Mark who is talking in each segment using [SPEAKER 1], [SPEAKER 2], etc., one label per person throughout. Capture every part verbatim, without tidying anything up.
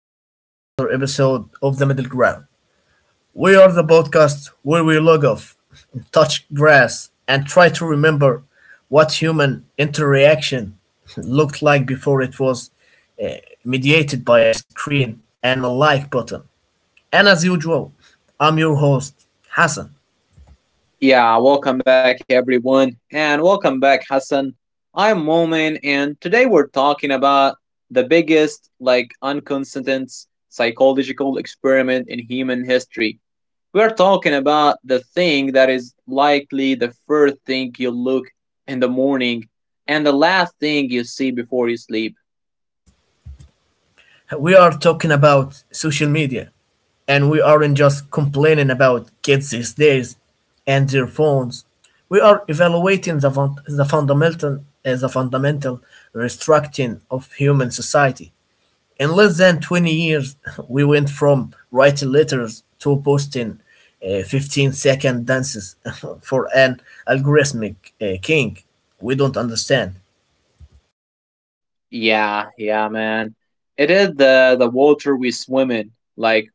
[SPEAKER 1] back to another episode of The Middle Ground. We are the podcast where we log off, touch grass, and try to remember what human interaction looked like before it was uh, mediated by a screen and a like button. And as usual, I'm your host, Hassan.
[SPEAKER 2] Yeah, welcome back everyone, and welcome back Hassan. I'm Momin, and today we're talking about the biggest like inconsistent psychological experiment in human history. We're talking about the thing that is likely the first thing you look in the morning and the last thing you see before you sleep.
[SPEAKER 1] We are talking about social media, and we aren't just complaining about kids these days and their phones. We are evaluating the, fun- the fundamental uh, the fundamental restructuring of human society in less than twenty years. We went from writing letters to posting uh, fifteen second dances for an algorithmic uh, king we don't understand.
[SPEAKER 2] Yeah, yeah man. It is the the water we swim in. Like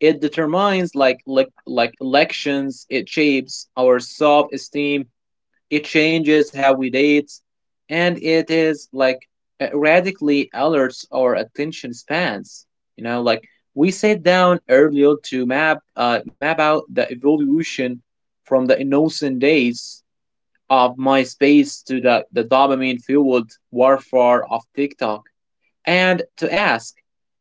[SPEAKER 2] it determines like like like elections. It shapes our self esteem. It changes how we date, and it is like uh, radically alerts our attention spans. You know, like we sat down earlier to map uh, map out the evolution from the innocent days of MySpace to the, the dopamine fueled warfare of TikTok, and to ask,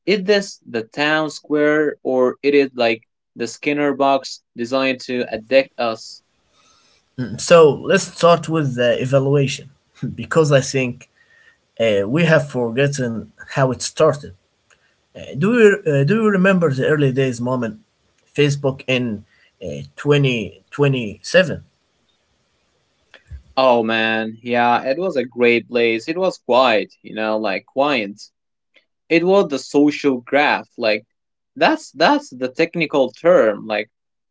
[SPEAKER 2] is this the town square, or it is like the Skinner box designed to addict us?
[SPEAKER 1] So let's start with the evaluation. Because I think Uh, we have forgotten how it started. Uh, do you uh, do you remember the early days, Moment? Facebook in uh, twenty twenty-seven.
[SPEAKER 2] Oh man, yeah, it was a great place. It was quiet, you know, like quiet. It was the social graph, like that's that's the technical term, like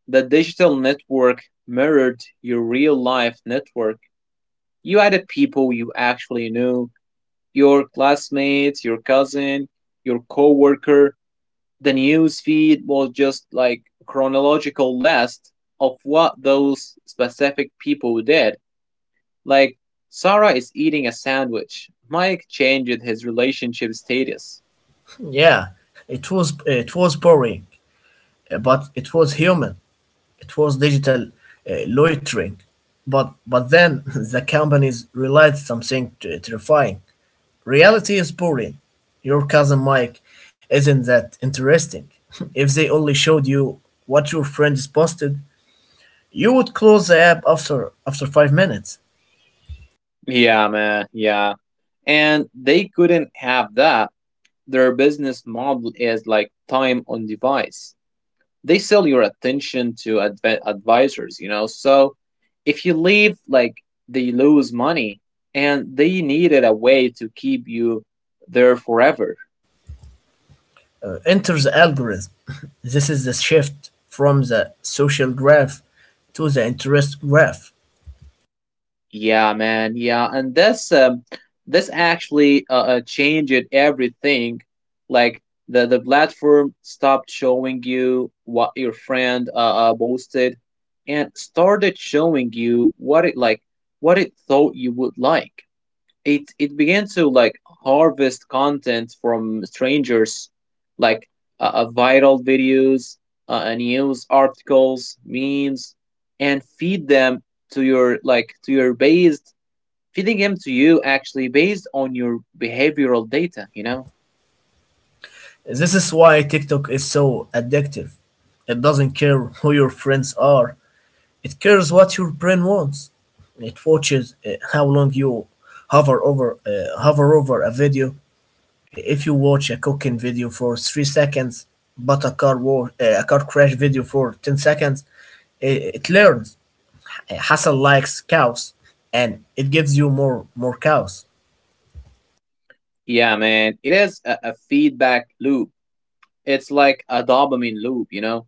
[SPEAKER 2] the digital network mirrored your real life network. You added people you actually knew, your classmates, your cousin, your coworker. The news feed was just like a chronological list of what those specific people did. Like Sarah is eating a sandwich. Mike changed his relationship status.
[SPEAKER 1] Yeah, it was uh, it was boring, uh, but it was human. It was digital uh, loitering. But but then the companies realized something t- terrifying. Reality is boring. Your cousin Mike isn't that interesting. If they only showed you what your friends posted, you would close the app after after five minutes.
[SPEAKER 2] Yeah, man, yeah. And they couldn't have that. Their business model is like time on device. They sell your attention to adv- advisors, you know. So if you leave, like they lose money, and they needed a way to keep you there forever.
[SPEAKER 1] Uh, enter the algorithm. This is the shift from the social graph to the interest graph.
[SPEAKER 2] Yeah man, yeah. And this um, this actually uh, uh, changed everything. Like the the platform stopped showing you what your friend uh, uh posted, and started showing you what it like what it thought you would like. It it began to like harvest content from strangers, like uh, uh, viral videos, uh, uh, news articles, memes, and feed them to your like to your based feeding them to you actually based on your behavioral data, you know.
[SPEAKER 1] This is why TikTok is so addictive. It doesn't care who your friends are. It cares what your brain wants. It watches uh, how long you hover over uh, hover over a video. If you watch a cooking video for three seconds but a car war uh, a car crash video for ten seconds, it, it learns Uh, Hassan likes cows, and it gives you more more cows.
[SPEAKER 2] Yeah man, it is a, a feedback loop. It's like a dopamine loop, you know.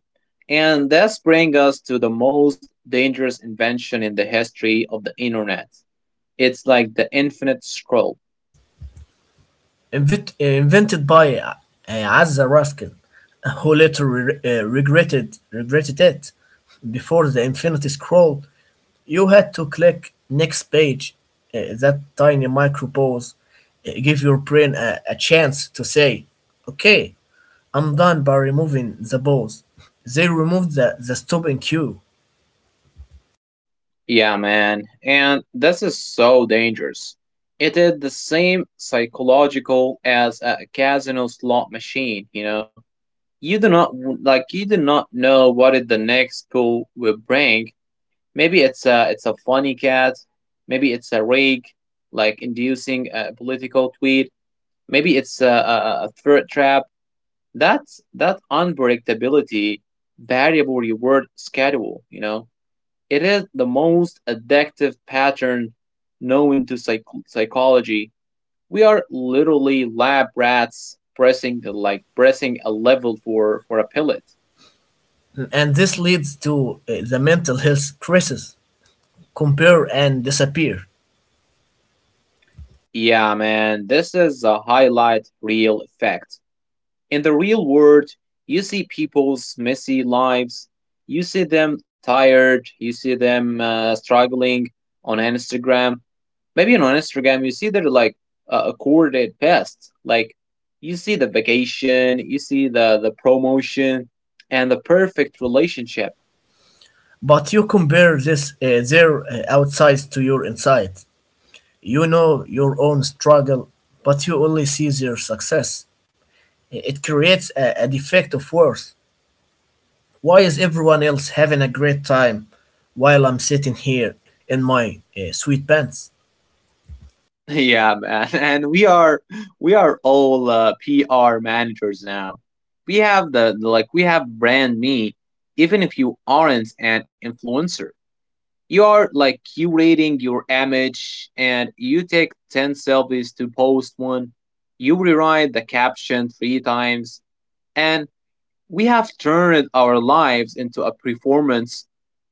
[SPEAKER 2] And this brings us to the most dangerous invention in the history of the internet. It's like the infinite scroll.
[SPEAKER 1] Invent, uh, invented by uh, Azza Raskin, who later re- uh, regretted regretted it. Before the infinity scroll, you had to click next page. Uh, that tiny micro pause uh, give your brain a, a chance to say okay, I'm done. By removing the balls, they removed the, the, stopping cue.
[SPEAKER 2] Yeah, man. And this is so dangerous. It is the same psychological as a casino slot machine, you know? You do not like you do not know what it the next pool will bring. Maybe it's a it's a funny cat, maybe it's a rig, like inducing a political tweet, maybe it's a, a, a threat trap. That's that unpredictability variable reward schedule, you know? It is the most addictive pattern known to psych- psychology. We are literally lab rats pressing the like pressing a level for for a pellet.
[SPEAKER 1] And this leads to uh, the mental health crisis, compare and disappear.
[SPEAKER 2] Yeah, man, this is a highlight reel effect. In the real world, you see people's messy lives. You see them tired. You see them uh, struggling on Instagram. Maybe you know, on Instagram, you see they're like uh, accorded past. Like you see the vacation, you see the the promotion, and the perfect relationship.
[SPEAKER 1] But you compare this, uh, their uh, outside to your inside. You know your own struggle, but you only see their success. It creates a, a defect of worth. Why is everyone else having a great time while I'm sitting here in my uh, sweet pants?
[SPEAKER 2] Yeah, man. And we are we are all uh, P R managers now. We have the, the like we have brand me. Even if you aren't an influencer, you are like curating your image, and you take ten selfies to post one. You rewrite the caption three times, and we have turned our lives into a performance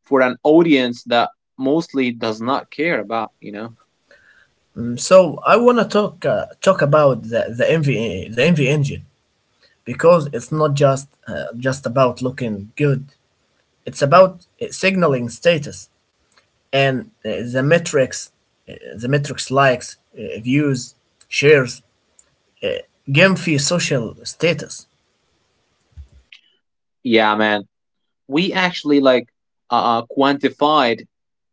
[SPEAKER 2] for an audience that mostly does not care about, you know.
[SPEAKER 1] So I wanna talk uh, talk about the the M V the M V engine, because it's not just uh, just about looking good. It's about uh, signaling status, and uh, the metrics, uh, the metrics, likes, uh, views, shares, uh, game fee, social status.
[SPEAKER 2] Yeah man, we actually like uh, uh, quantified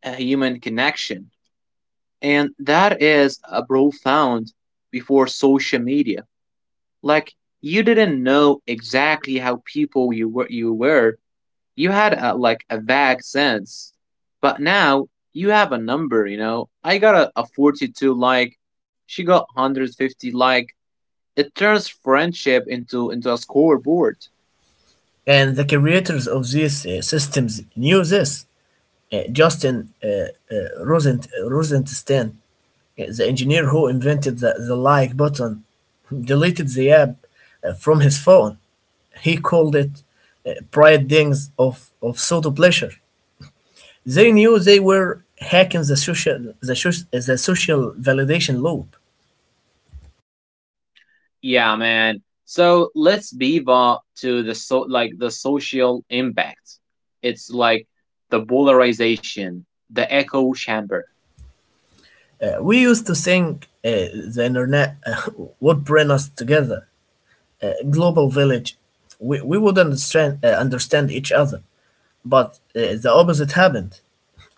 [SPEAKER 2] a human connection, and that is a profound. Before social media, like you didn't know exactly how people you were you were you had a, like a vague sense, but now you have a number. You know, I got a, a forty-two like, she got one hundred fifty like. It turns friendship into into a scoreboard.
[SPEAKER 1] And the creators of these uh, systems knew this. Uh, Justin uh, uh, Rosent Rosenstein, the engineer who invented the, the, like button, deleted the app uh, from his phone. He called it uh, Pride Dings of, of Pseudo Pleasure. They knew they were hacking the social, the, soc- the social validation loop.
[SPEAKER 2] Yeah, man. So let's move on to the so like the social impact. It's like the polarization, the echo chamber.
[SPEAKER 1] Uh, we used to think uh, the internet uh, would bring us together, a global village. We, we would understand, uh, understand each other, but uh, the opposite happened.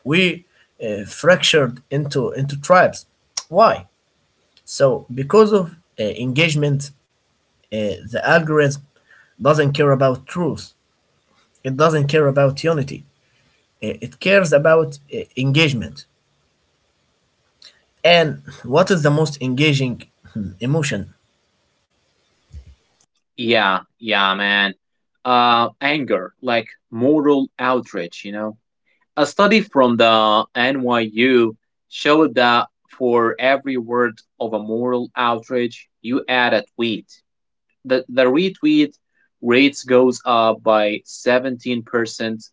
[SPEAKER 1] we uh, fractured into into tribes. Why? So because of uh, engagement. Uh, the algorithm doesn't care about truth. It doesn't care about unity. Uh, It cares about uh, engagement. And what is the most engaging, hmm, emotion?
[SPEAKER 2] Yeah, yeah, man. Uh, anger, like moral outrage. You know, a study from the N Y U showed that for every word of a moral outrage you add a tweet, the, the retweet rates goes up by seventeen percent.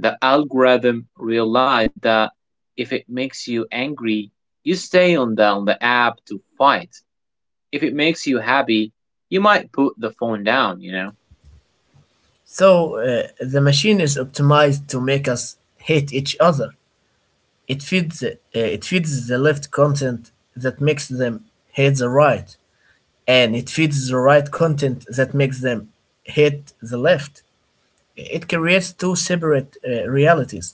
[SPEAKER 2] The algorithm realized that if it makes you angry, you stay on the, on the app to fight. If it makes you happy, you might put the phone down, you know?
[SPEAKER 1] So uh, the machine is optimized to make us hate each other. It feeds uh, it feeds the left content that makes them hate the right, and it feeds the right content that makes them hate the left. It creates two separate uh, realities.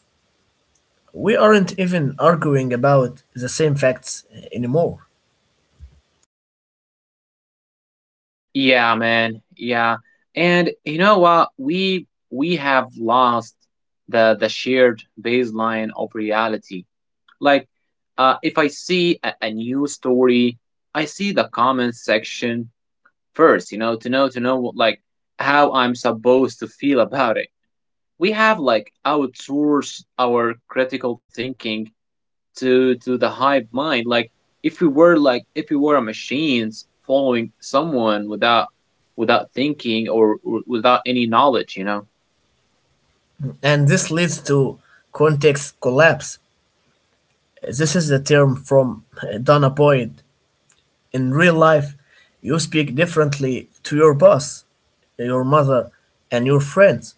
[SPEAKER 1] We aren't even arguing about the same facts anymore.
[SPEAKER 2] Yeah, man. Yeah. And you know what? We we have lost the the shared baseline of reality. Like uh if I see a, a news story, I see the comment section first, you know, to know to know what, like how I'm supposed to feel about it. We have like outsourced our critical thinking to to the hive mind, like if we were like if we were machines following someone without without thinking, or, or without any knowledge, you know.
[SPEAKER 1] And this leads to context collapse. This is a term from uh, Donna Boyd. In real life, you speak differently to your boss, your mother, and your friends.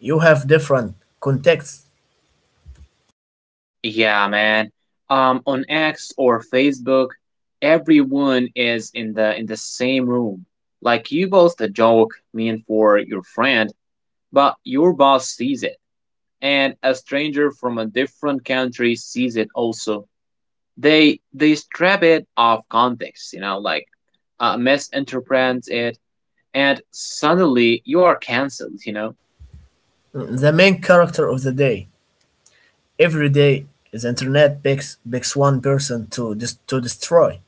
[SPEAKER 1] You have different contexts.
[SPEAKER 2] Yeah man, um on X or Facebook, everyone is in the in the same room. Like you post a joke mean for your friend, but your boss sees it, and a stranger from a different country sees it also. They they strip it of context, you know, like uh, misinterprets it, and suddenly you are cancelled. You know,
[SPEAKER 1] The main character of the day. Every day, the internet picks, picks one person to dis- to destroy,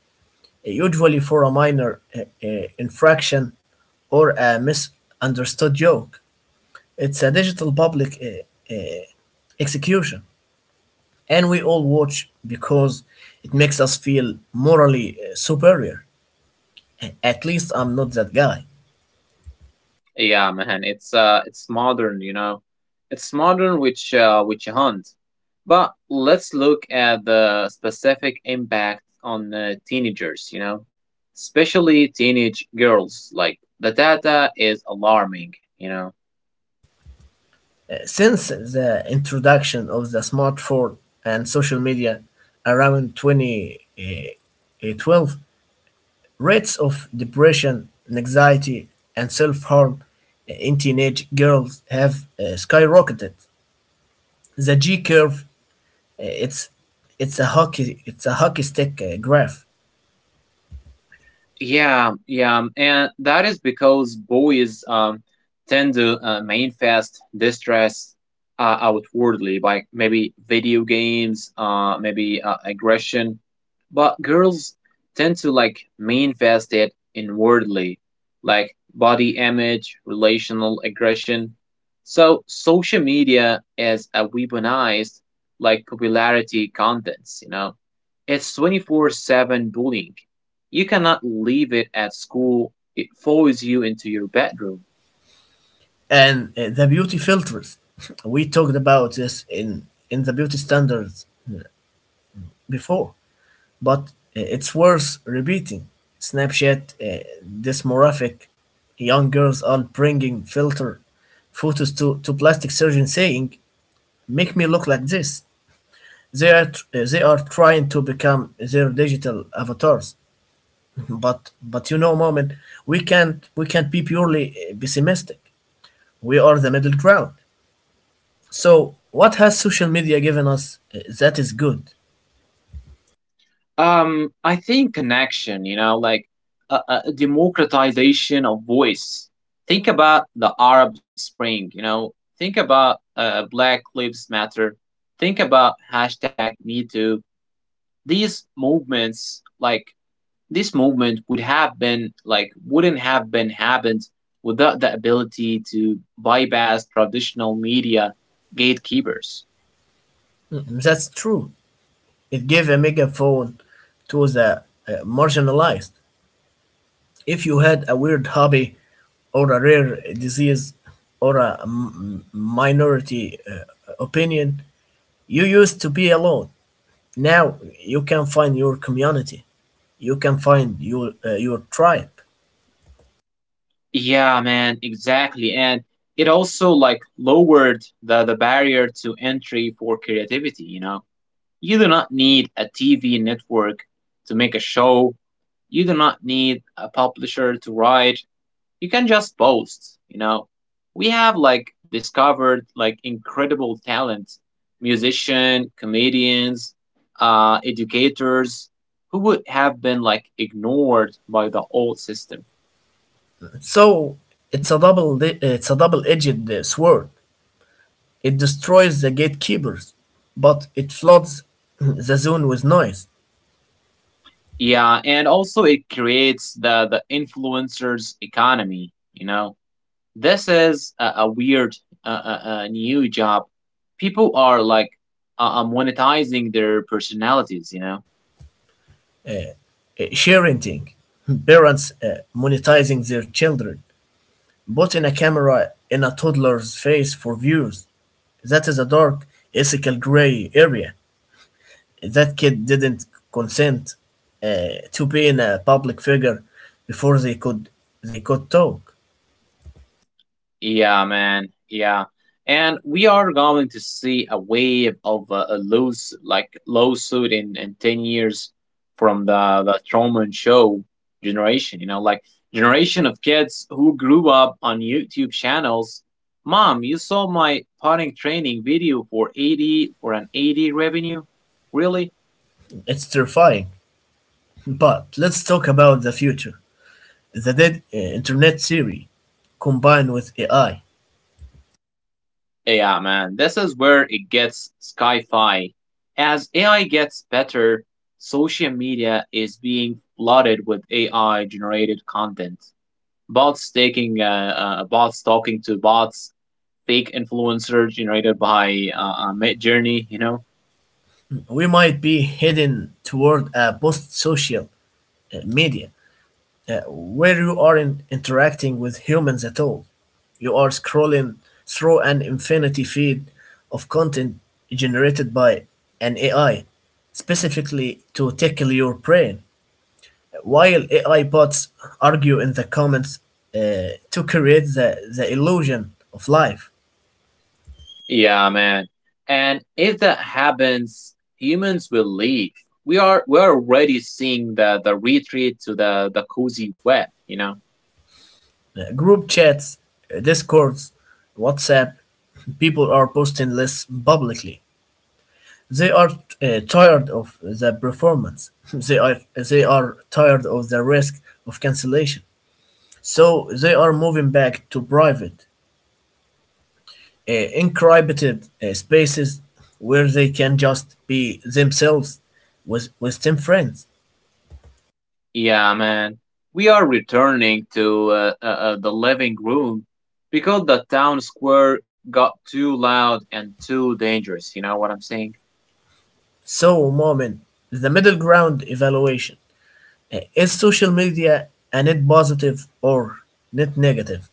[SPEAKER 1] usually for a minor uh, uh, infraction or a misunderstood joke. It's a digital public uh, uh, execution, and we all watch because it makes us feel morally uh, superior. A- At least I'm not that guy.
[SPEAKER 2] yeah, man, it's uh, it's modern. You know, it's modern which uh, which hunt. But let's look at the specific impact on uh, teenagers. You know, especially teenage girls. Like the data is alarming. You know.
[SPEAKER 1] Uh, Since the introduction of the smartphone and social media around twenty twelve, rates of depression, anxiety, and self harm in teenage girls have uh, skyrocketed. The G curve, uh, it's it's a hockey it's a hockey stick uh, graph.
[SPEAKER 2] Yeah, yeah, and that is because boys um, tend to uh, manifest distress uh, outwardly, by maybe video games, uh, maybe uh, aggression, but girls tend to like manifest it inwardly, like body image, relational aggression. So social media is a weaponized like popularity contents, you know. It's twenty four seven bullying. You cannot leave it at school. It follows you into your bedroom.
[SPEAKER 1] And uh, the beauty filters. We talked about this in in the beauty standards before, but uh, it's worth repeating. Snapchat, uh, dysmorphic young girls are bringing filter photos to to plastic surgeon saying, "Make me look like this." they are tr- they are trying to become their digital avatars. But but you know, Moment, we can't we can't be purely uh, pessimistic. We are the middle ground. So what has social media given us uh, that is good?
[SPEAKER 2] Um, I think connection, you know, like a, a democratization of voice. Think about the Arab Spring, you know, think about uh, Black Lives Matter, think about hashtag Me Too. These movements, like this movement, would have been like wouldn't have been happened without the ability to bypass traditional media gatekeepers.
[SPEAKER 1] Mm, that's true. It gave a megaphone to the uh, marginalized. If you had a weird hobby or a rare disease or a m- minority uh, opinion, you used to be alone. Now you can find your community, you can find your uh, your tribe.
[SPEAKER 2] Yeah, man, exactly. And it also like lowered the, the barrier to entry for creativity, you know. You do not need a T V network to make a show. You do not need a publisher to write. You can just post, you know. We have like discovered like incredible talent, musician, comedians, uh educators, who would have been like ignored by the old system.
[SPEAKER 1] So it's a double it's a double-edged uh, sword. It destroys the gatekeepers, but it floods the zone with noise.
[SPEAKER 2] Yeah, and also it creates the the influencers economy. You know, this is a, a weird uh, uh, uh, new job. People are like uh, uh, monetizing their personalities. You know.
[SPEAKER 1] Uh, sharing, parents uh, monetizing their children, putting a camera in a toddler's face for views. That is a dark, ethical gray area. That kid didn't consent uh, to being a public figure before they could they could talk.
[SPEAKER 2] Yeah, man. Yeah. And we are going to see a wave of uh, a loose, like lawsuit in, in ten years from the, the Truman Show generation, you know, like generation of kids who grew up on YouTube channels. Mom, you saw my potting training video for eighty for an eighty revenue? Really?
[SPEAKER 1] It's terrifying. But let's talk about the future. The dead uh, internet theory combined with A I.
[SPEAKER 2] Yeah, man, this is where it gets sci fi. As A I gets better, social media is being flooded with A I generated content. Bots taking, uh, uh, bots talking to bots, fake influencers generated by uh, uh, Mid Journey, you know?
[SPEAKER 1] We might be heading toward a post-social uh, media, uh, where you aren't interacting with humans at all. You are scrolling through an infinity feed of content generated by an A I, specifically to tickle your brain. While A I bots argue in the comments uh, to create the, the illusion of life.
[SPEAKER 2] Yeah, man. And if that happens, humans will leave. We are we are already seeing the the retreat to the the cozy web, you know.
[SPEAKER 1] Uh, group chats, uh, discords, WhatsApp, people are posting less publicly. They are uh, tired of the performance. They are they are tired of the risk of cancellation. So they are moving back to private, uh, encrypted uh, spaces where they can just be themselves with with ten friends.
[SPEAKER 2] Yeah, man. We are returning to uh, uh, uh, the living room, because the town square got too loud and too dangerous. You know what I'm saying?
[SPEAKER 1] So, Moment, the middle ground evaluation. Uh, Is social media a net positive or net negative?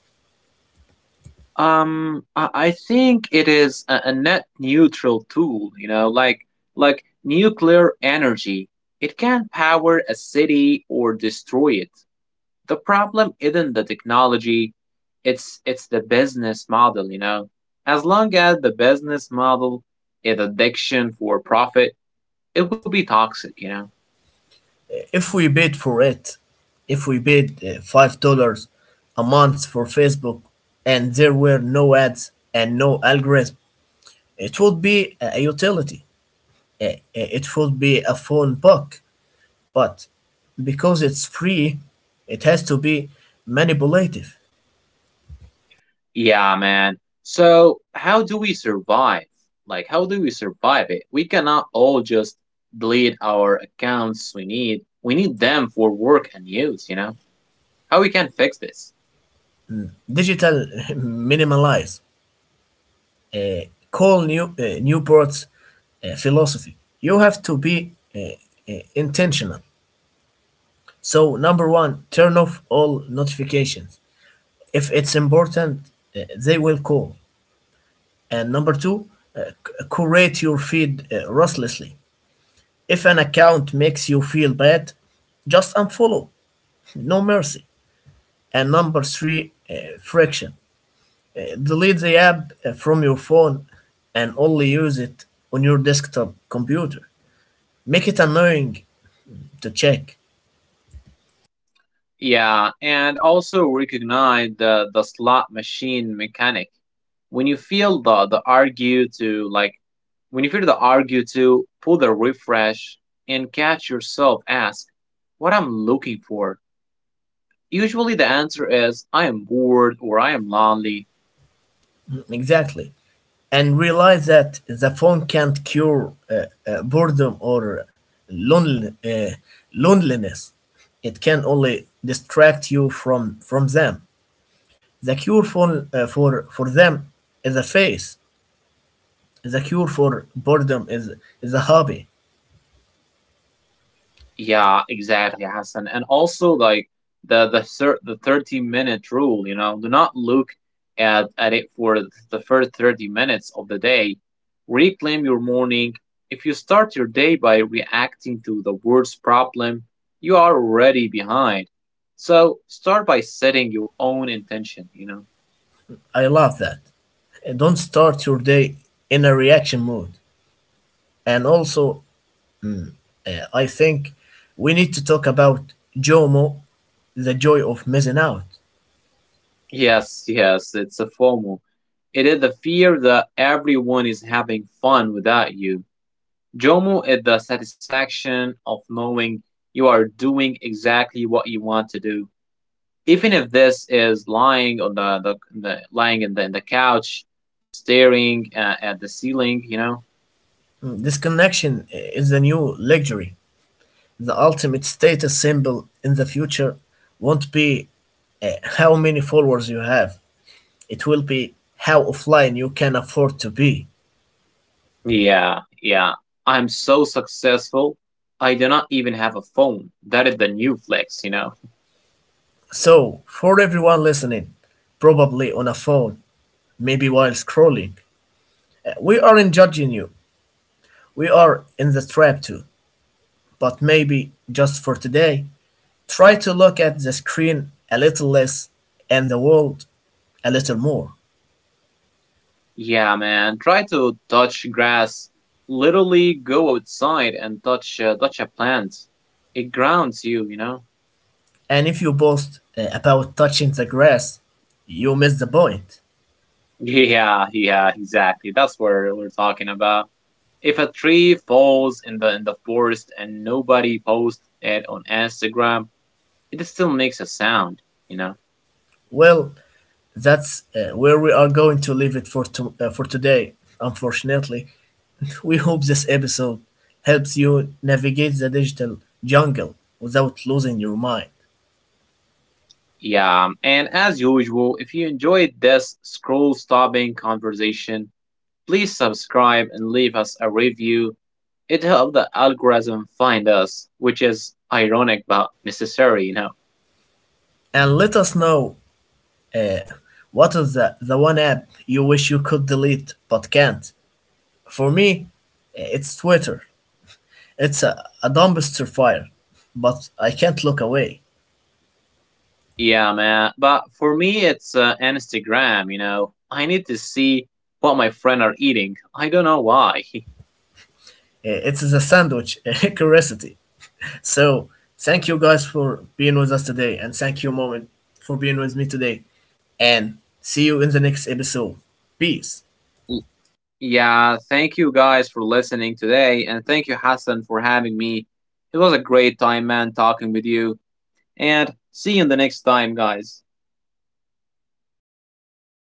[SPEAKER 2] Um, I, I think it is a, a net neutral tool. You know, like like nuclear energy. It can power a city or destroy it. The problem isn't the technology, it's it's the business model, you know. As long as the business model is addiction for profit, it will be toxic, you know.
[SPEAKER 1] If we paid for it, if we paid uh, five dollars a month for Facebook and there were no ads and no algorithm, it would be a utility. Uh, It would be a phone book. But because it's free, it has to be manipulative.
[SPEAKER 2] Yeah, man. So, how do we survive? Like, how do we survive it? We cannot all just delete our accounts we need. We need them for work and use, you know? How we can fix this?
[SPEAKER 1] Digital minimalize, uh, call new, uh, Newport's uh, philosophy. You have to be uh, uh, intentional. So, number one, turn off all notifications. If it's important, uh, they will call. And number two, uh, c- curate your feed uh, ruthlessly. If an account makes you feel bad, just unfollow. No mercy. And number three, uh, friction. Uh, delete the app uh, from your phone and only use it on your desktop computer. Make it annoying to check.
[SPEAKER 2] Yeah, and also recognize the the slot machine mechanic. When you feel the the argue to like, when you feel the argue to pull the refresh, and catch yourself ask, what I'm looking for. Usually the answer is I am bored or I am lonely.
[SPEAKER 1] Exactly. And realize that the phone can't cure uh, uh, boredom or lonel- uh, loneliness. It can only distract you from, from them. The cure for, uh, for, for them is a face. The cure for boredom is, is a hobby.
[SPEAKER 2] Yeah, exactly, Hassan. And also like the the thir- the thirty minute rule, you know, do not look at at it for the first thirty minutes of the day. Reclaim your morning. If you start your day by reacting to the world's problem, you are already behind. So start by setting your own intention, you know.
[SPEAKER 1] I love that. Uh, Don't start your day in a reaction mode. And also, uh, I think we need to talk about JOMO, the joy of missing out.
[SPEAKER 2] Yes, yes, it's a FOMO. It is the fear that everyone is having fun without you. Jomo is the satisfaction of knowing you are doing exactly what you want to do. Even if this is lying on the, the, the lying in the, in the couch, staring uh, at the ceiling, you know?
[SPEAKER 1] Disconnection is the new luxury. The ultimate status symbol in the future won't be uh, how many followers you have, it will be how offline you can afford to be.
[SPEAKER 2] Yeah, yeah. I'm so successful. I do not even have a phone. That is the new flex, you know?
[SPEAKER 1] So, for everyone listening, probably on a phone, maybe while scrolling, uh, we aren't judging you. We are in the trap too. But maybe just for today, try to look at the screen a little less and the world a little more.
[SPEAKER 2] Yeah, man. Try to touch grass. Literally go outside and touch, uh, touch a plant. It grounds you, you know?
[SPEAKER 1] And if you boast uh, about touching the grass, you miss the point.
[SPEAKER 2] Yeah, yeah, exactly. That's what we're talking about. If a tree falls in the in the forest and nobody posts it on Instagram, it still makes a sound, you know.
[SPEAKER 1] Well, that's uh, where we are going to leave it for to- uh, for today. Unfortunately, we hope this episode helps you navigate the digital jungle without losing your mind.
[SPEAKER 2] Yeah, and as usual, if you enjoyed this scroll-stopping conversation, please subscribe and leave us a review. It helps the algorithm find us, which is ironic but necessary, you know.
[SPEAKER 1] And let us know uh, what is the the one app you wish you could delete but can't. For me, it's Twitter. It's a, a dumpster fire, but I can't look away.
[SPEAKER 2] Yeah, man. But for me, it's uh, Instagram, you know. I need to see what my friends are eating. I don't know why.
[SPEAKER 1] Uh, It is a sandwich curiosity. So thank you guys for being with us today, and thank you, Moment, for being with me today. And see you in the next episode. Peace.
[SPEAKER 2] L- Yeah, thank you guys for listening today. And thank you, Hassan, for having me. It was a great time, man, talking with you. And see you in the next time, guys.